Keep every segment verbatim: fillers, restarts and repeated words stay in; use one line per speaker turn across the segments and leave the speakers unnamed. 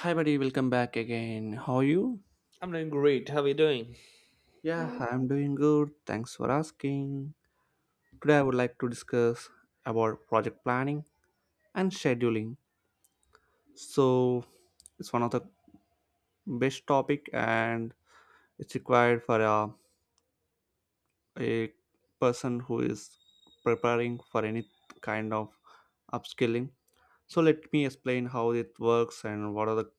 Hi, buddy. Welcome back again. How are you?
I'm doing great. How are you doing?
Yeah, I'm doing good. Thanks for asking. Today, I would like to discuss about project planning and scheduling. So, it's one of the best topic, and it's required for a, a person who is preparing for any kind of upskilling. So, let me explain how it works and what are the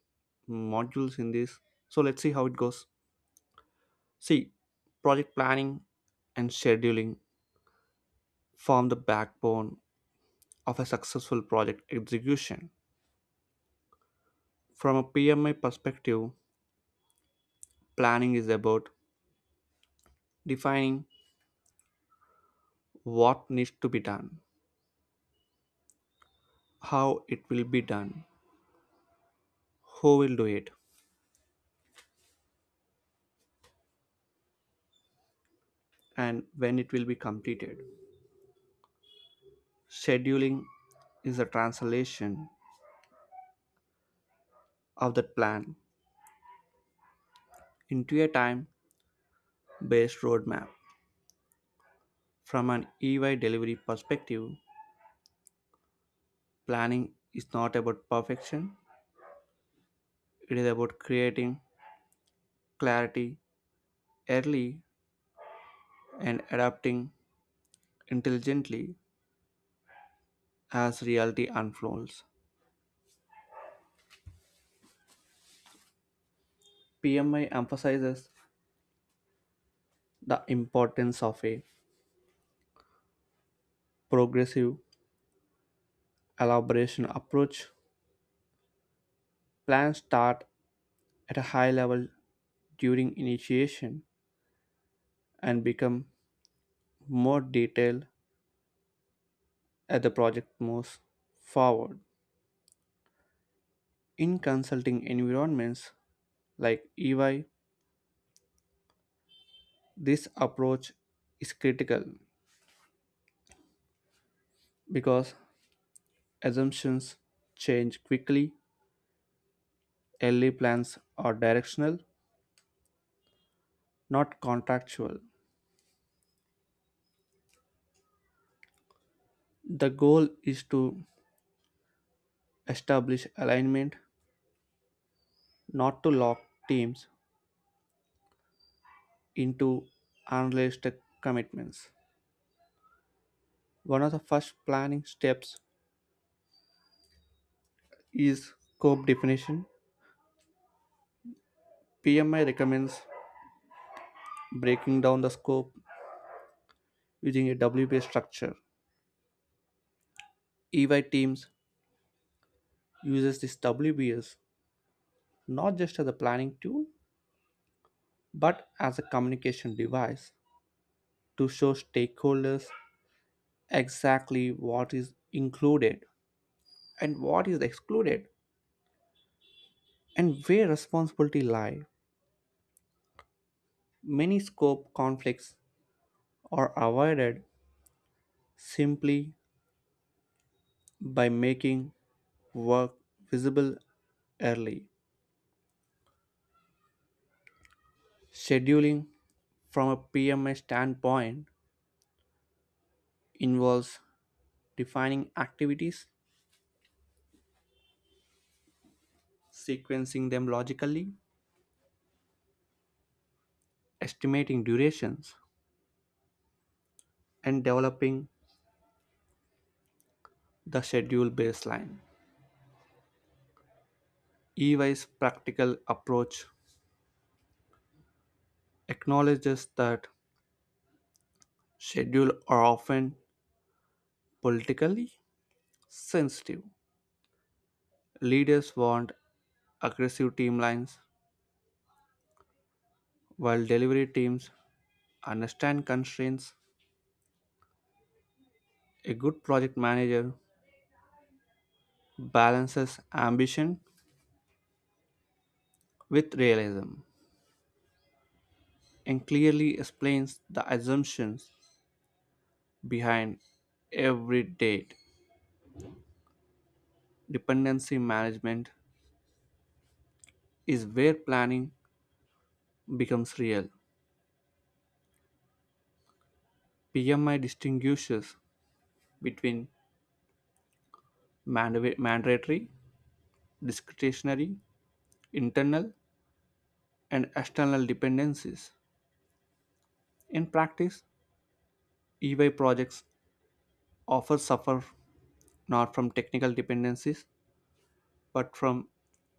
modules in this. So, let's see how it goes. See, project planning and scheduling form the backbone of a successful project execution. From a P M I perspective, planning is about defining what needs to be done, how it will be done, who will do it, and when it will be completed. Scheduling is the translation of that plan into a time based roadmap. From an E Y delivery perspective, planning is not about perfection, it is about creating clarity early and adapting intelligently as reality unfolds. P M I emphasizes the importance of a progressive elaboration approach. Plans start at a high level during initiation and become more detailed as the project moves forward. In consulting environments like E Y, this approach is critical because assumptions change quickly early plans are directional, not contractual. The goal is to establish alignment, not to lock teams into unrealistic commitments. One of the first planning steps is scope definition. P M I recommends breaking down the scope using a W B S structure. E Y teams uses this W B S not just as a planning tool but as a communication device to show stakeholders exactly what is included and what is excluded and where responsibility lie many scope conflicts are avoided simply by making work visible early scheduling from a pms standpoint involves defining activities sequencing them logically estimating durations and developing the schedule baseline ey's practical approach acknowledges that schedules are often politically sensitive. Leaders want aggressive timelines, while delivery teams understand constraints. A good project manager balances ambition with realism and clearly explains the assumptions behind every date. Dependency management is where planning becomes real. P M I distinguishes between manda- mandatory, discretionary, internal, and external dependencies. In practice, E Y projects often suffer not from technical dependencies but from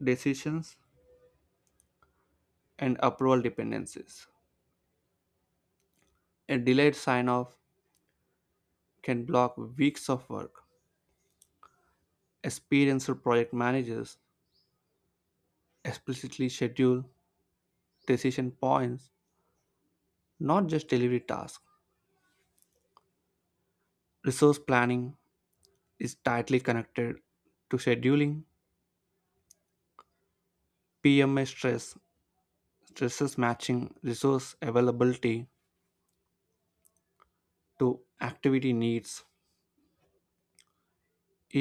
decisions and approval dependencies. A delayed sign off can block weeks of work. Experienced project managers explicitly schedule decision points, not just delivery tasks. Resource planning is tightly connected to scheduling P M I stress stress is matching resource availability to activity needs.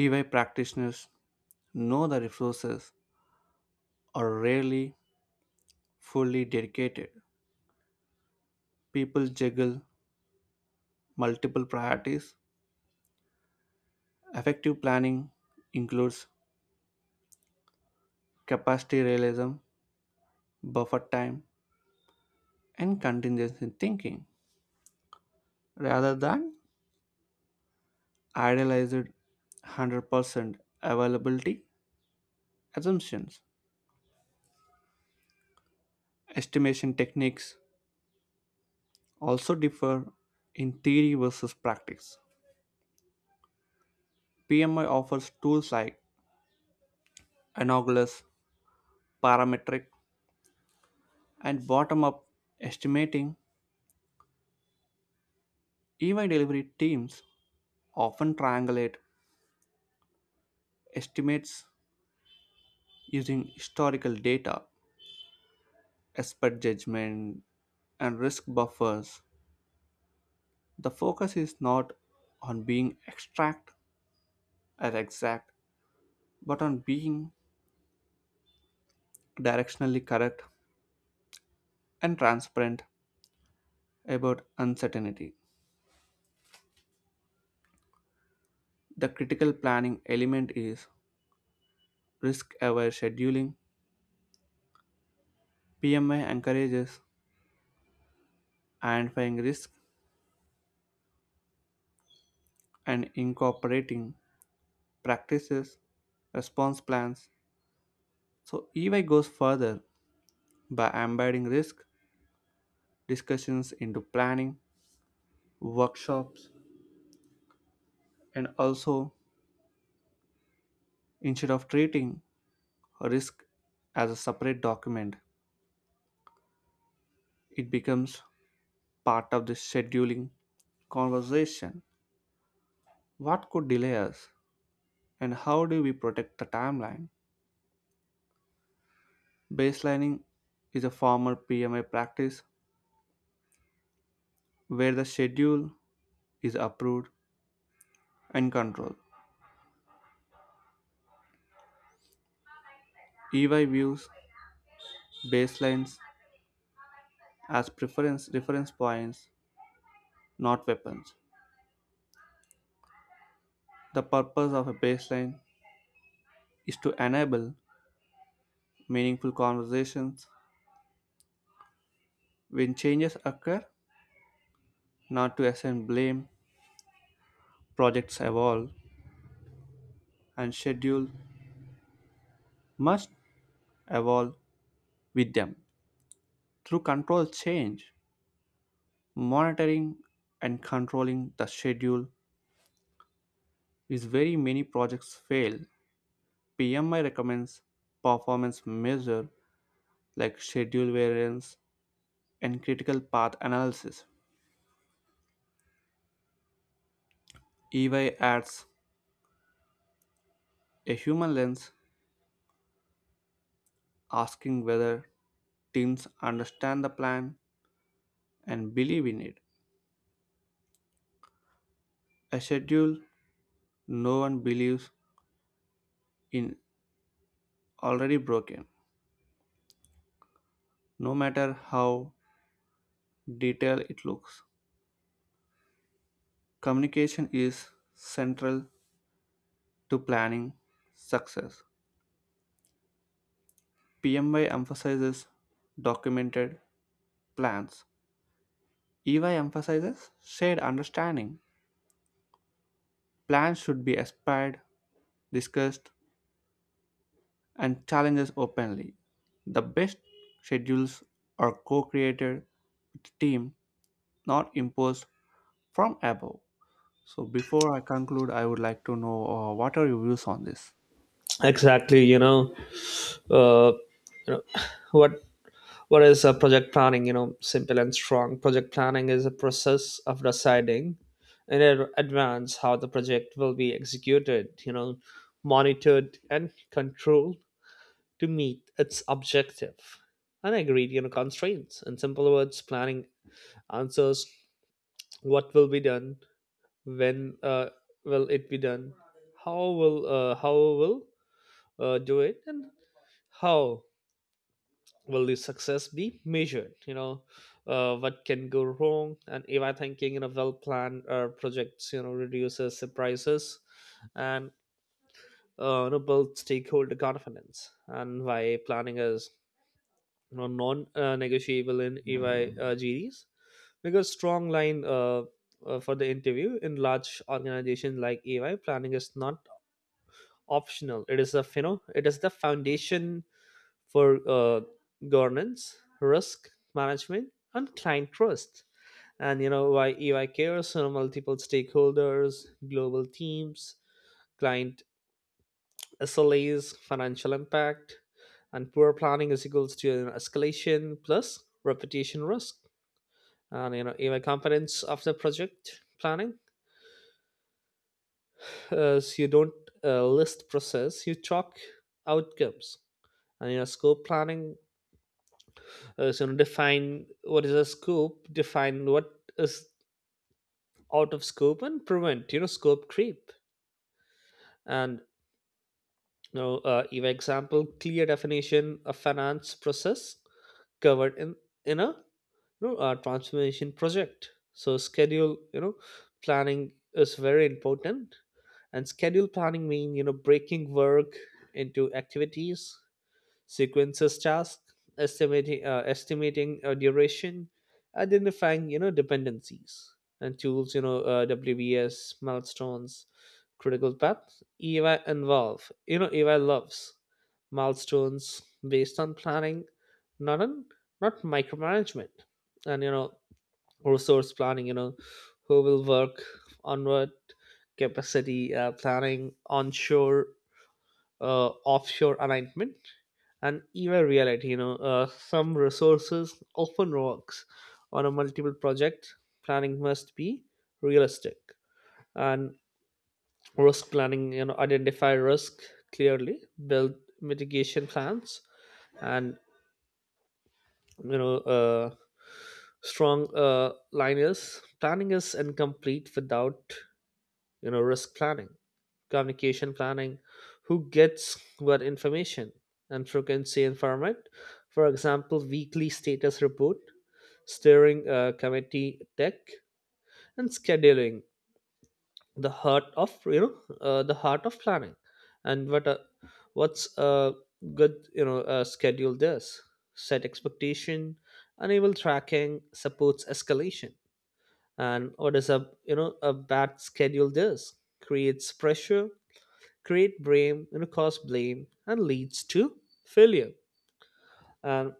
E Y practitioners know the resources are rarely fully dedicated. People juggle multiple priorities. Effective planning includes capacity realism, buffer time, and contingency thinking rather than idealized one hundred percent availability assumptions. Estimation techniques also differ in theory versus practice. P M I offers tools like anogalous, parametric, and bottom up estimating. E Y delivery teams often triangulate estimates using historical data, expert judgment, and risk buffers. The focus is not on being exact as exact, but on being directionally correct and transparent about uncertainty. The critical planning element is risk aware scheduling. P M I encourages identifying risk and incorporating practices, response plans. So, E Y goes further by embedding risk discussions into planning, workshops, and also instead of treating risk as a separate document, it becomes part of the scheduling conversation. What could delay us? And how do we protect the timeline? Baselining is a former P M A practice where the schedule is approved and controlled. E Y views baselines as preference reference points, not weapons. The purpose of a baseline is to enable meaningful conversations when changes occur, not to assign blame. Projects evolve and schedule must evolve with them. Through control change, monitoring and controlling the schedule is where many projects fail. P M I recommends performance measures like schedule variance and critical path analysis. E Y adds a human lens, asking whether teams understand the plan and believe in it. A schedule no one believes in already broken, no matter how detailed it looks. Communication is central to planning success. P M I emphasizes documented plans. E Y emphasizes shared understanding. Plans should be aspired, discussed, and challenges openly. The best schedules are co created with the team, not imposed from above. So, before I conclude, I would like to know uh, what are your views on this?
Exactly. You know, uh, you know what what is a project planning? You know, simple and strong. Project planning is a process of deciding in ad- advance how the project will be executed, You know, monitored and controlled to meet its objective and agreed you know constraints. In simple words, planning answers what will be done, when uh, will it be done, how will uh, how will uh, do it, and how will the success be measured? You know uh, what can go wrong, and if I thinking in a well planned uh, projects you know reduces surprises and uh, you know, builds stakeholder confidence. And why planning is you know, non-negotiable in E Y uh, G Ds? Because strong line uh, uh, for the interview. In large organizations like E Y, planning is not optional, it is a you know it is the foundation for uh, governance, risk management, and client trust. And you know why E Y cares on multiple stakeholders, global teams, client S L As, financial impact, and poor planning is equals to an escalation plus reputation risk. And you know E Y components of the project planning is you don't uh, list process, you chalk outcomes. And you know scope planning. Uh, so define what is a scope, define what is out of scope, and prevent you know scope creep. And you know uh, give example: clear definition of finance process covered in in a you know, uh, transformation project. So schedule you know planning is very important. And schedule planning mean you know breaking work into activities, sequences task, estimating uh, estimating uh, duration, identifying you know dependencies, and tools, you know uh, W B S, milestones, critical path. Ey involve you know ey loves milestones based on planning, not on not micromanagement. And you know resource planning: you know who will work on what capacity, uh, planning onshore, uh, offshore alignment. And even reality, you know uh, some resources often works on a multiple project. Planning must be realistic. And risk planning: you know identify risk clearly, build mitigation plans. And you know uh, strong uh, line is, planning is incomplete without you know risk planning. Communication planning: who gets what information and frequency environment. For example, weekly status report, steering uh, committee tech. And scheduling, the heart of you know uh, the heart of planning. And what uh, what's a good you know uh, schedule? This set expectation, enable tracking, supports escalation. And what is a you know a bad schedule? This creates pressure, create blame, you know, cause blame, and leads to failure. And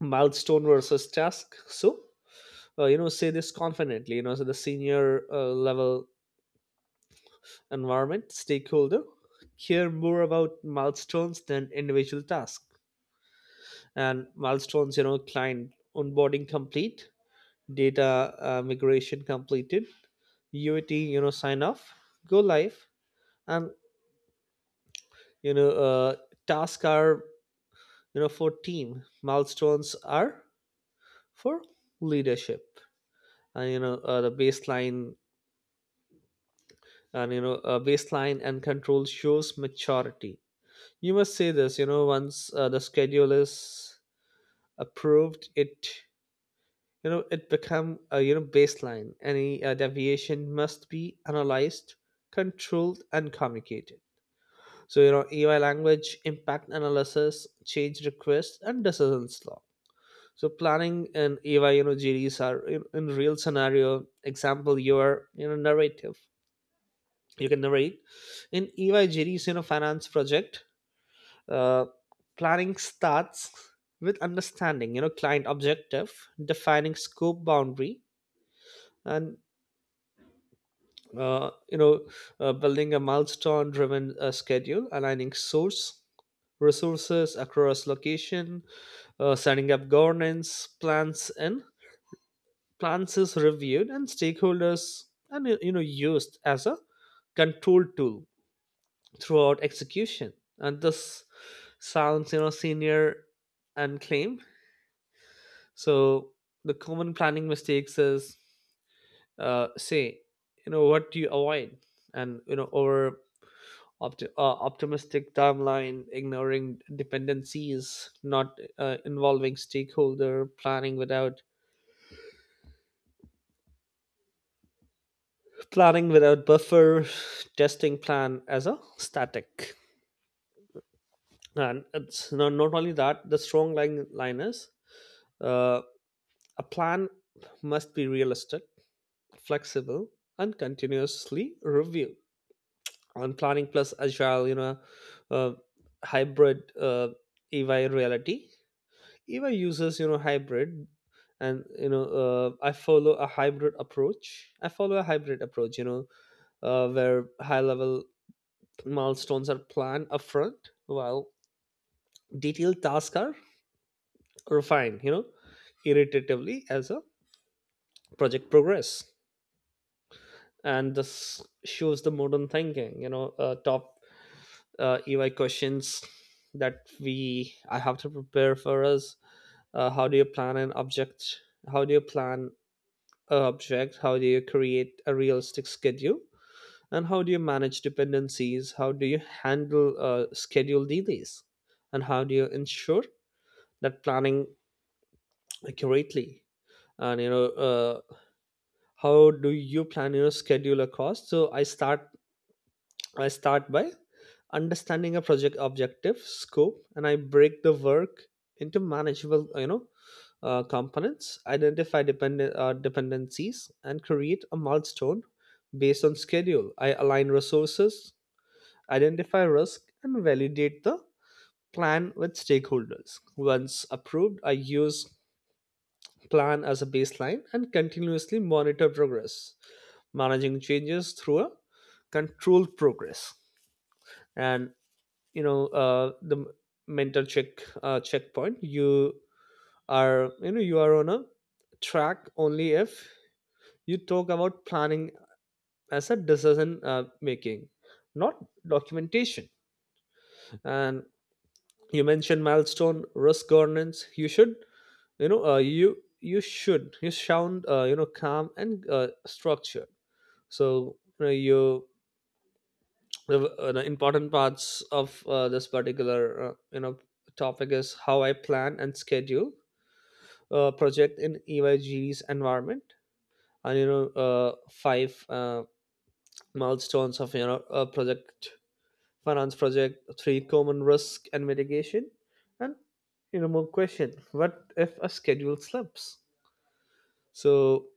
milestone versus task. So, uh, you know, say this confidently. You know, so the senior uh, level environment stakeholder care more about milestones than individual tasks. And milestones, you know, client onboarding complete, data uh, migration completed, U A T, you know, sign off, go live, and you know, uh, tasks are, you know for team, milestones are for leadership. And you know uh, the baseline and you know uh, baseline and control shows maturity. You must say this. You know once uh, the schedule is approved, it you know it become a you know baseline. Any uh, deviation must be analyzed, controlled, and communicated. So you know EY language: impact analysis, change requests, and decisions law. So planning and EVA, you know GDs are in, in real scenario example. You are, you know narrative, you can narrate in EVA GDs. You know finance project uh, planning starts with understanding you know client objective, defining scope boundary, and uh, you know uh, building a milestone driven uh, schedule, aligning source resources across location, uh, setting up governance plans, and plans is reviewed and stakeholders, and you know used as a control tool throughout execution. And this sounds you know senior and claim. So the common planning mistakes is, uh, say you know what do you avoid. And you know over opti- uh, optimistic timeline, ignoring dependencies, not uh, involving stakeholder, planning without planning without buffer, testing plan as a static. And it's not, not only that, the strong line, line is, uh, a plan must be realistic, flexible, and continuously reviewed. And planning plus agile, you know, uh, hybrid uh, E Y reality. E Y uses, you know, hybrid. And you know uh, i follow a hybrid approach I follow a hybrid approach, you know uh, where high level milestones are planned upfront, while detailed tasks are refine, you know, irritatively as a project progress. And this shows the modern thinking. You know, uh, top uh, E Y questions that we I have to prepare for us. Uh, how do you plan an object? How do you plan an object? How do you create a realistic schedule? And how do you manage dependencies? How do you handle uh, schedule delays? And how do you ensure that planning accurately? And you know, uh, how do you plan your schedule a cost? So i start i start by understanding a project objective scope, and I break the work into manageable you know uh, components, identify dependent uh, dependencies, and create a milestone based on schedule. I align resources, identify risk, and validate the plan with stakeholders. Once approved, I use plan as a baseline and continuously monitor progress, managing changes through a control progress. And you know uh, the m- mental check uh, checkpoint. You are you know you are on a track only if you talk about planning as a decision uh, making, not documentation. And you mentioned milestone, risk, governance. You should you know uh, you you should you sound uh, you know calm and uh, structured. So you know you the uh, the important parts of uh, this particular uh, you know topic is how I plan and schedule a project in E Y G's environment, and you know uh, five uh, milestones of you know a project finance project, three common risk and mitigation, and you know more question: what if a schedule slips? So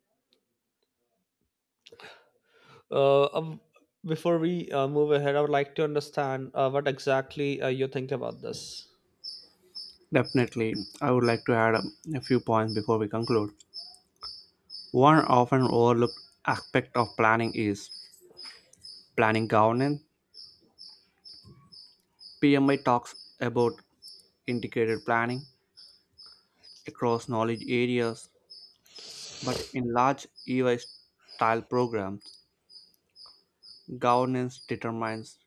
uh, um, before we uh, move ahead, I would like to understand uh, what exactly uh, you think about this.
Definitely, I would like to add um, a few points before we conclude. One often overlooked aspect of planning is planning governance. P M I talks about integrated planning across knowledge areas, but in large E Y style programs, governance determines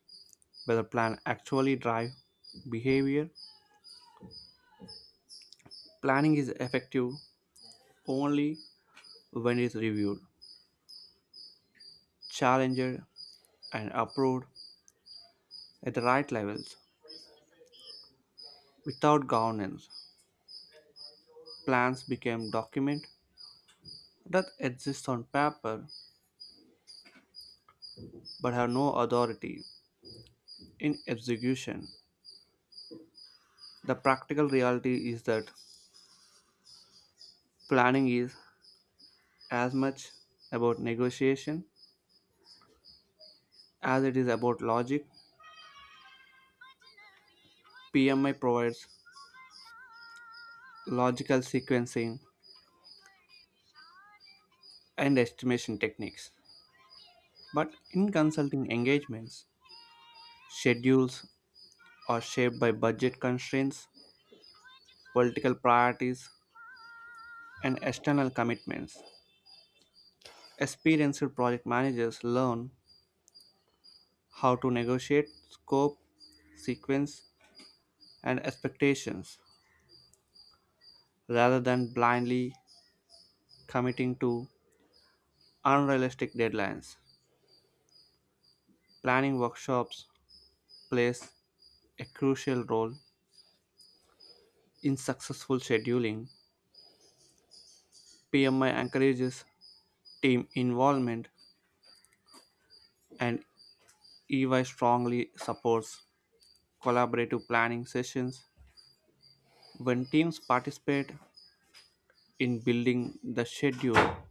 whether plan actually drive behavior. Planning is effective only when it is reviewed, challenged, and approved at the right levels. Without governance, plans become documents that exist on paper but have no authority in execution. The practical reality is that planning is as much about negotiation as it is about logic. P M I provides logical sequencing and estimation techniques. But in consulting engagements, schedules are shaped by budget constraints, political priorities, and external commitments. Experienced project managers learn how to negotiate scope, sequence, and expectations rather than blindly committing to unrealistic deadlines. Planning workshops plays a crucial role in successful scheduling. P M I encourages team involvement and E Y strongly supports collaborative planning sessions. When teams participate in building the schedule,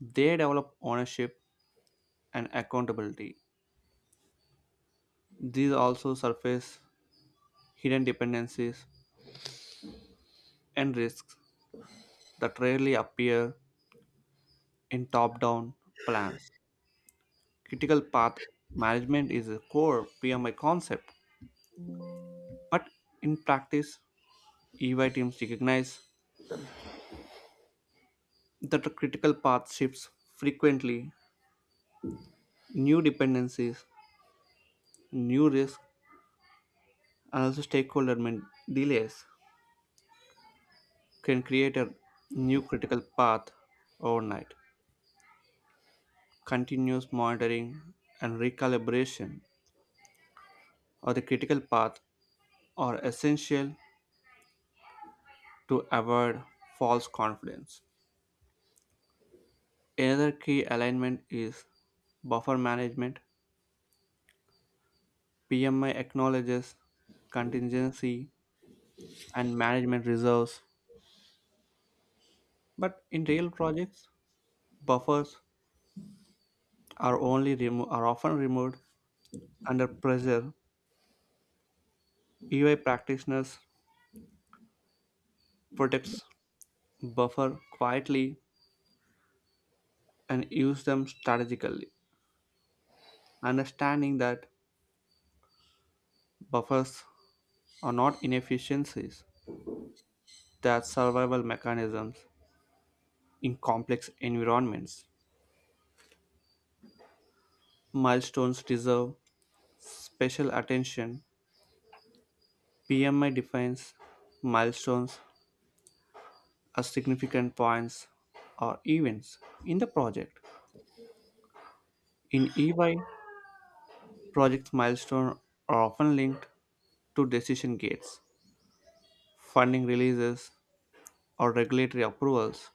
they develop ownership and accountability. These also surface hidden dependencies and risks that rarely appear in top down plans. Critical path management is a core P M I concept, but in practice, E Y teams recognize that the critical path shifts frequently, new dependencies, new risks, and also stakeholder man- delays can create a new critical path overnight. Continuous monitoring and recalibration of the critical path are essential to avoid false confidence. Another key alignment is buffer management. P M I acknowledges contingency and management reserves, but in real projects, buffers are only remo- are often removed under pressure. E Y practitioners protects buffer quietly and use them strategically, understanding that buffers are not inefficiencies, they are survival mechanisms in complex environments. Milestones deserve special attention, P M I defines milestones as significant points or events in the project. In E Y, project milestones are often linked to decision gates, funding releases, or regulatory approvals.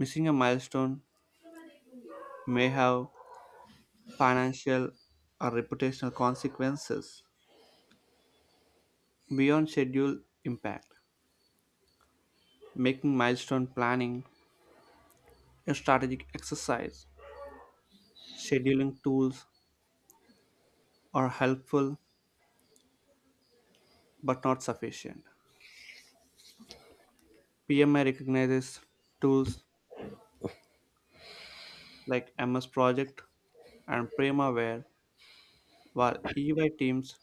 Missing a milestone may have financial or reputational consequences beyond schedule impact. Making milestone planning a strategic exercise, scheduling tools are helpful but not sufficient. P M I recognizes tools like M S Project and Primavera, while E Y teams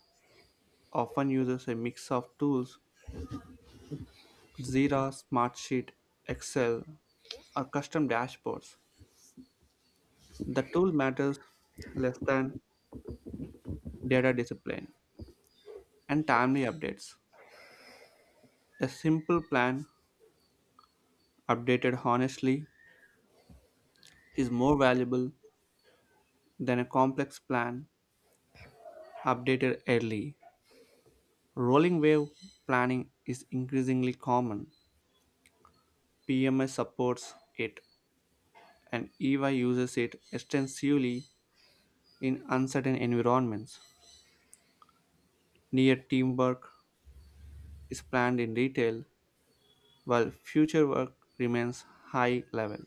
often uses a mix of tools, Jira, Smartsheet, Excel, or custom dashboards. The tool matters less than data discipline and timely updates. A simple plan updated honestly is more valuable than a complex plan updated early. Rolling wave planning is increasingly common. P M S supports it, and E Y uses it extensively in uncertain environments. Near team work is planned in detail, while future work remains high level.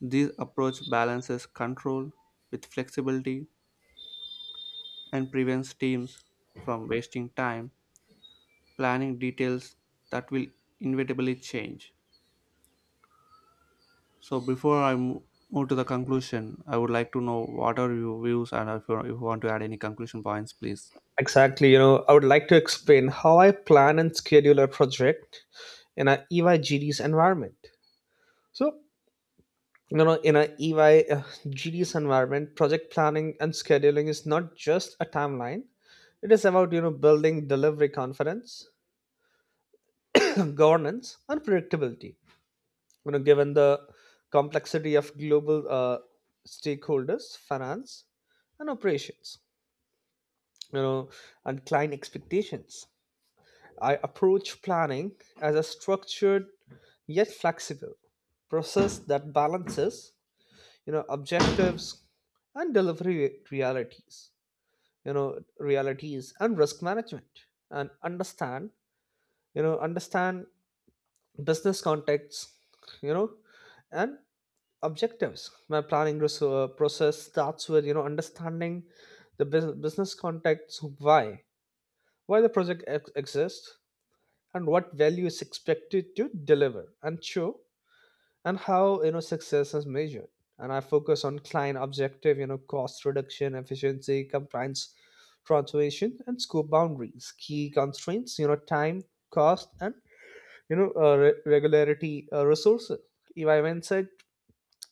This approach balances control with flexibility and prevents teams from wasting time planning details that will inevitably change. So before I mo- move to the conclusion, I would like to know what are your views and if you, if you want to add any conclusion points, please.
Exactly. You know, I would like to explain how I plan and schedule a project in a E Y G D's environment. So, you know, in a E Y G D's environment, project planning and scheduling is not just a timeline. It is about, you know, building delivery confidence, governance, and predictability. You know, given the complexity of global uh, stakeholders, finance, and operations, you know, and client expectations. I approach planning as a structured yet flexible process that balances, you know, objectives and delivery realities, you know, realities and risk management, and understand, you know, understand business contexts, you know, and objectives. My planning res- uh, process starts with, you know, understanding the bus- business context, why, why the project ex- exists, and what value is expected to deliver and show, and how you know success is measured, and I focus on client objective, you know cost reduction, efficiency, compliance, transformation, and scope boundaries, key constraints, you know time, cost, and you know uh, re- regularity uh, resources. If I went,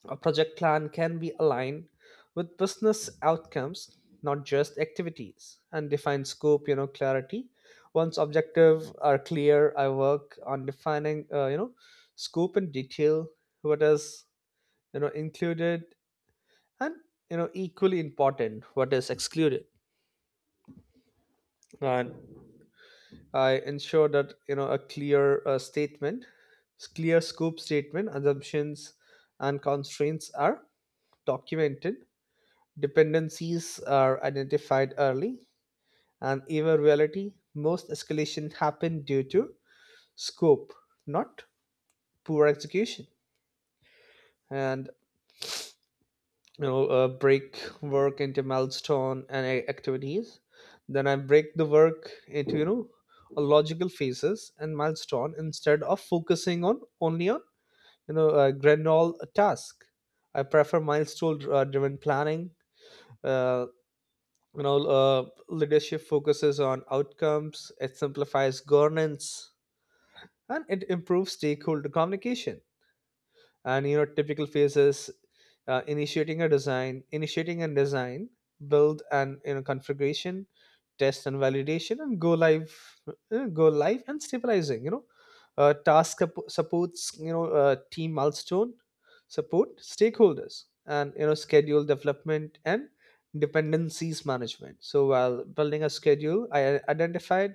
a project plan can be aligned with business outcomes, not just activities, and define scope, you know, clarity. Once objective are clear, I work on defining, uh, you know, scope in detail, what is, you know, included, and, you know, equally important, what is excluded. And I ensure that, you know, a clear uh, statement, clear scope statement, assumptions, and constraints are documented. Dependencies are identified early, and in reality, most escalation happen due to scope, not poor execution. And you know, uh, break work into milestone and a- activities. Then I break the work into, you know a logical phases and milestone, instead of focusing on only on you know a granule task. I prefer milestone uh, driven planning. uh, you know uh, Leadership focuses on outcomes, it simplifies governance, and it improves stakeholder communication. And you know typical phases: uh, initiating a design initiating a design, build and you know configuration, test and validation, and go live uh, go live and stabilizing. You know uh, task sup- supports, you know uh, team milestone, support stakeholders, and you know schedule development and dependencies management. So while building a schedule I identified,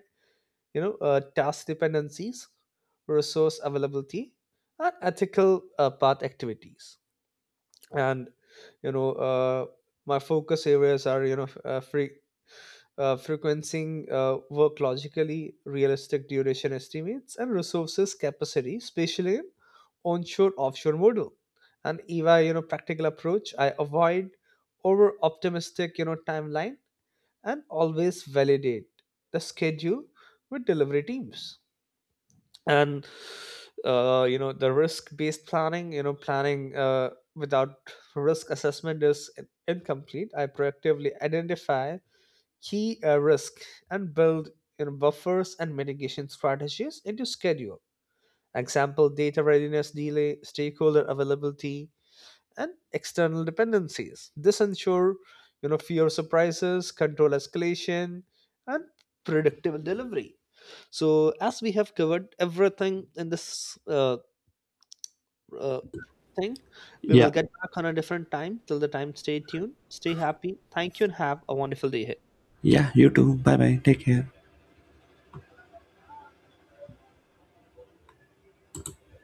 you know uh, task dependencies, resource availability, and ethical uh, path activities. And you know uh, my focus areas are, you know f- uh, free uh, frequencing uh, work logically, realistic duration estimates, and resources capacity especially in onshore offshore model. And EVA, you know practical approach, I avoid over optimistic you know timeline and always validate the schedule with delivery teams. And uh, you know the risk based planning. You know planning uh, without risk assessment is in- incomplete. I proactively identify key uh, risk and build you know buffers and mitigation strategies into schedule. Example: data readiness delay, stakeholder availability, and external dependencies. This ensure you know fewer surprises, control escalation, and predictable delivery. So, as we have covered everything in this uh, uh, thing, we will
Yeah.
get back on a different time. Till the time, stay tuned, stay happy. Thank you, and have a wonderful day ahead.
Yeah, you too. Bye bye. Take care.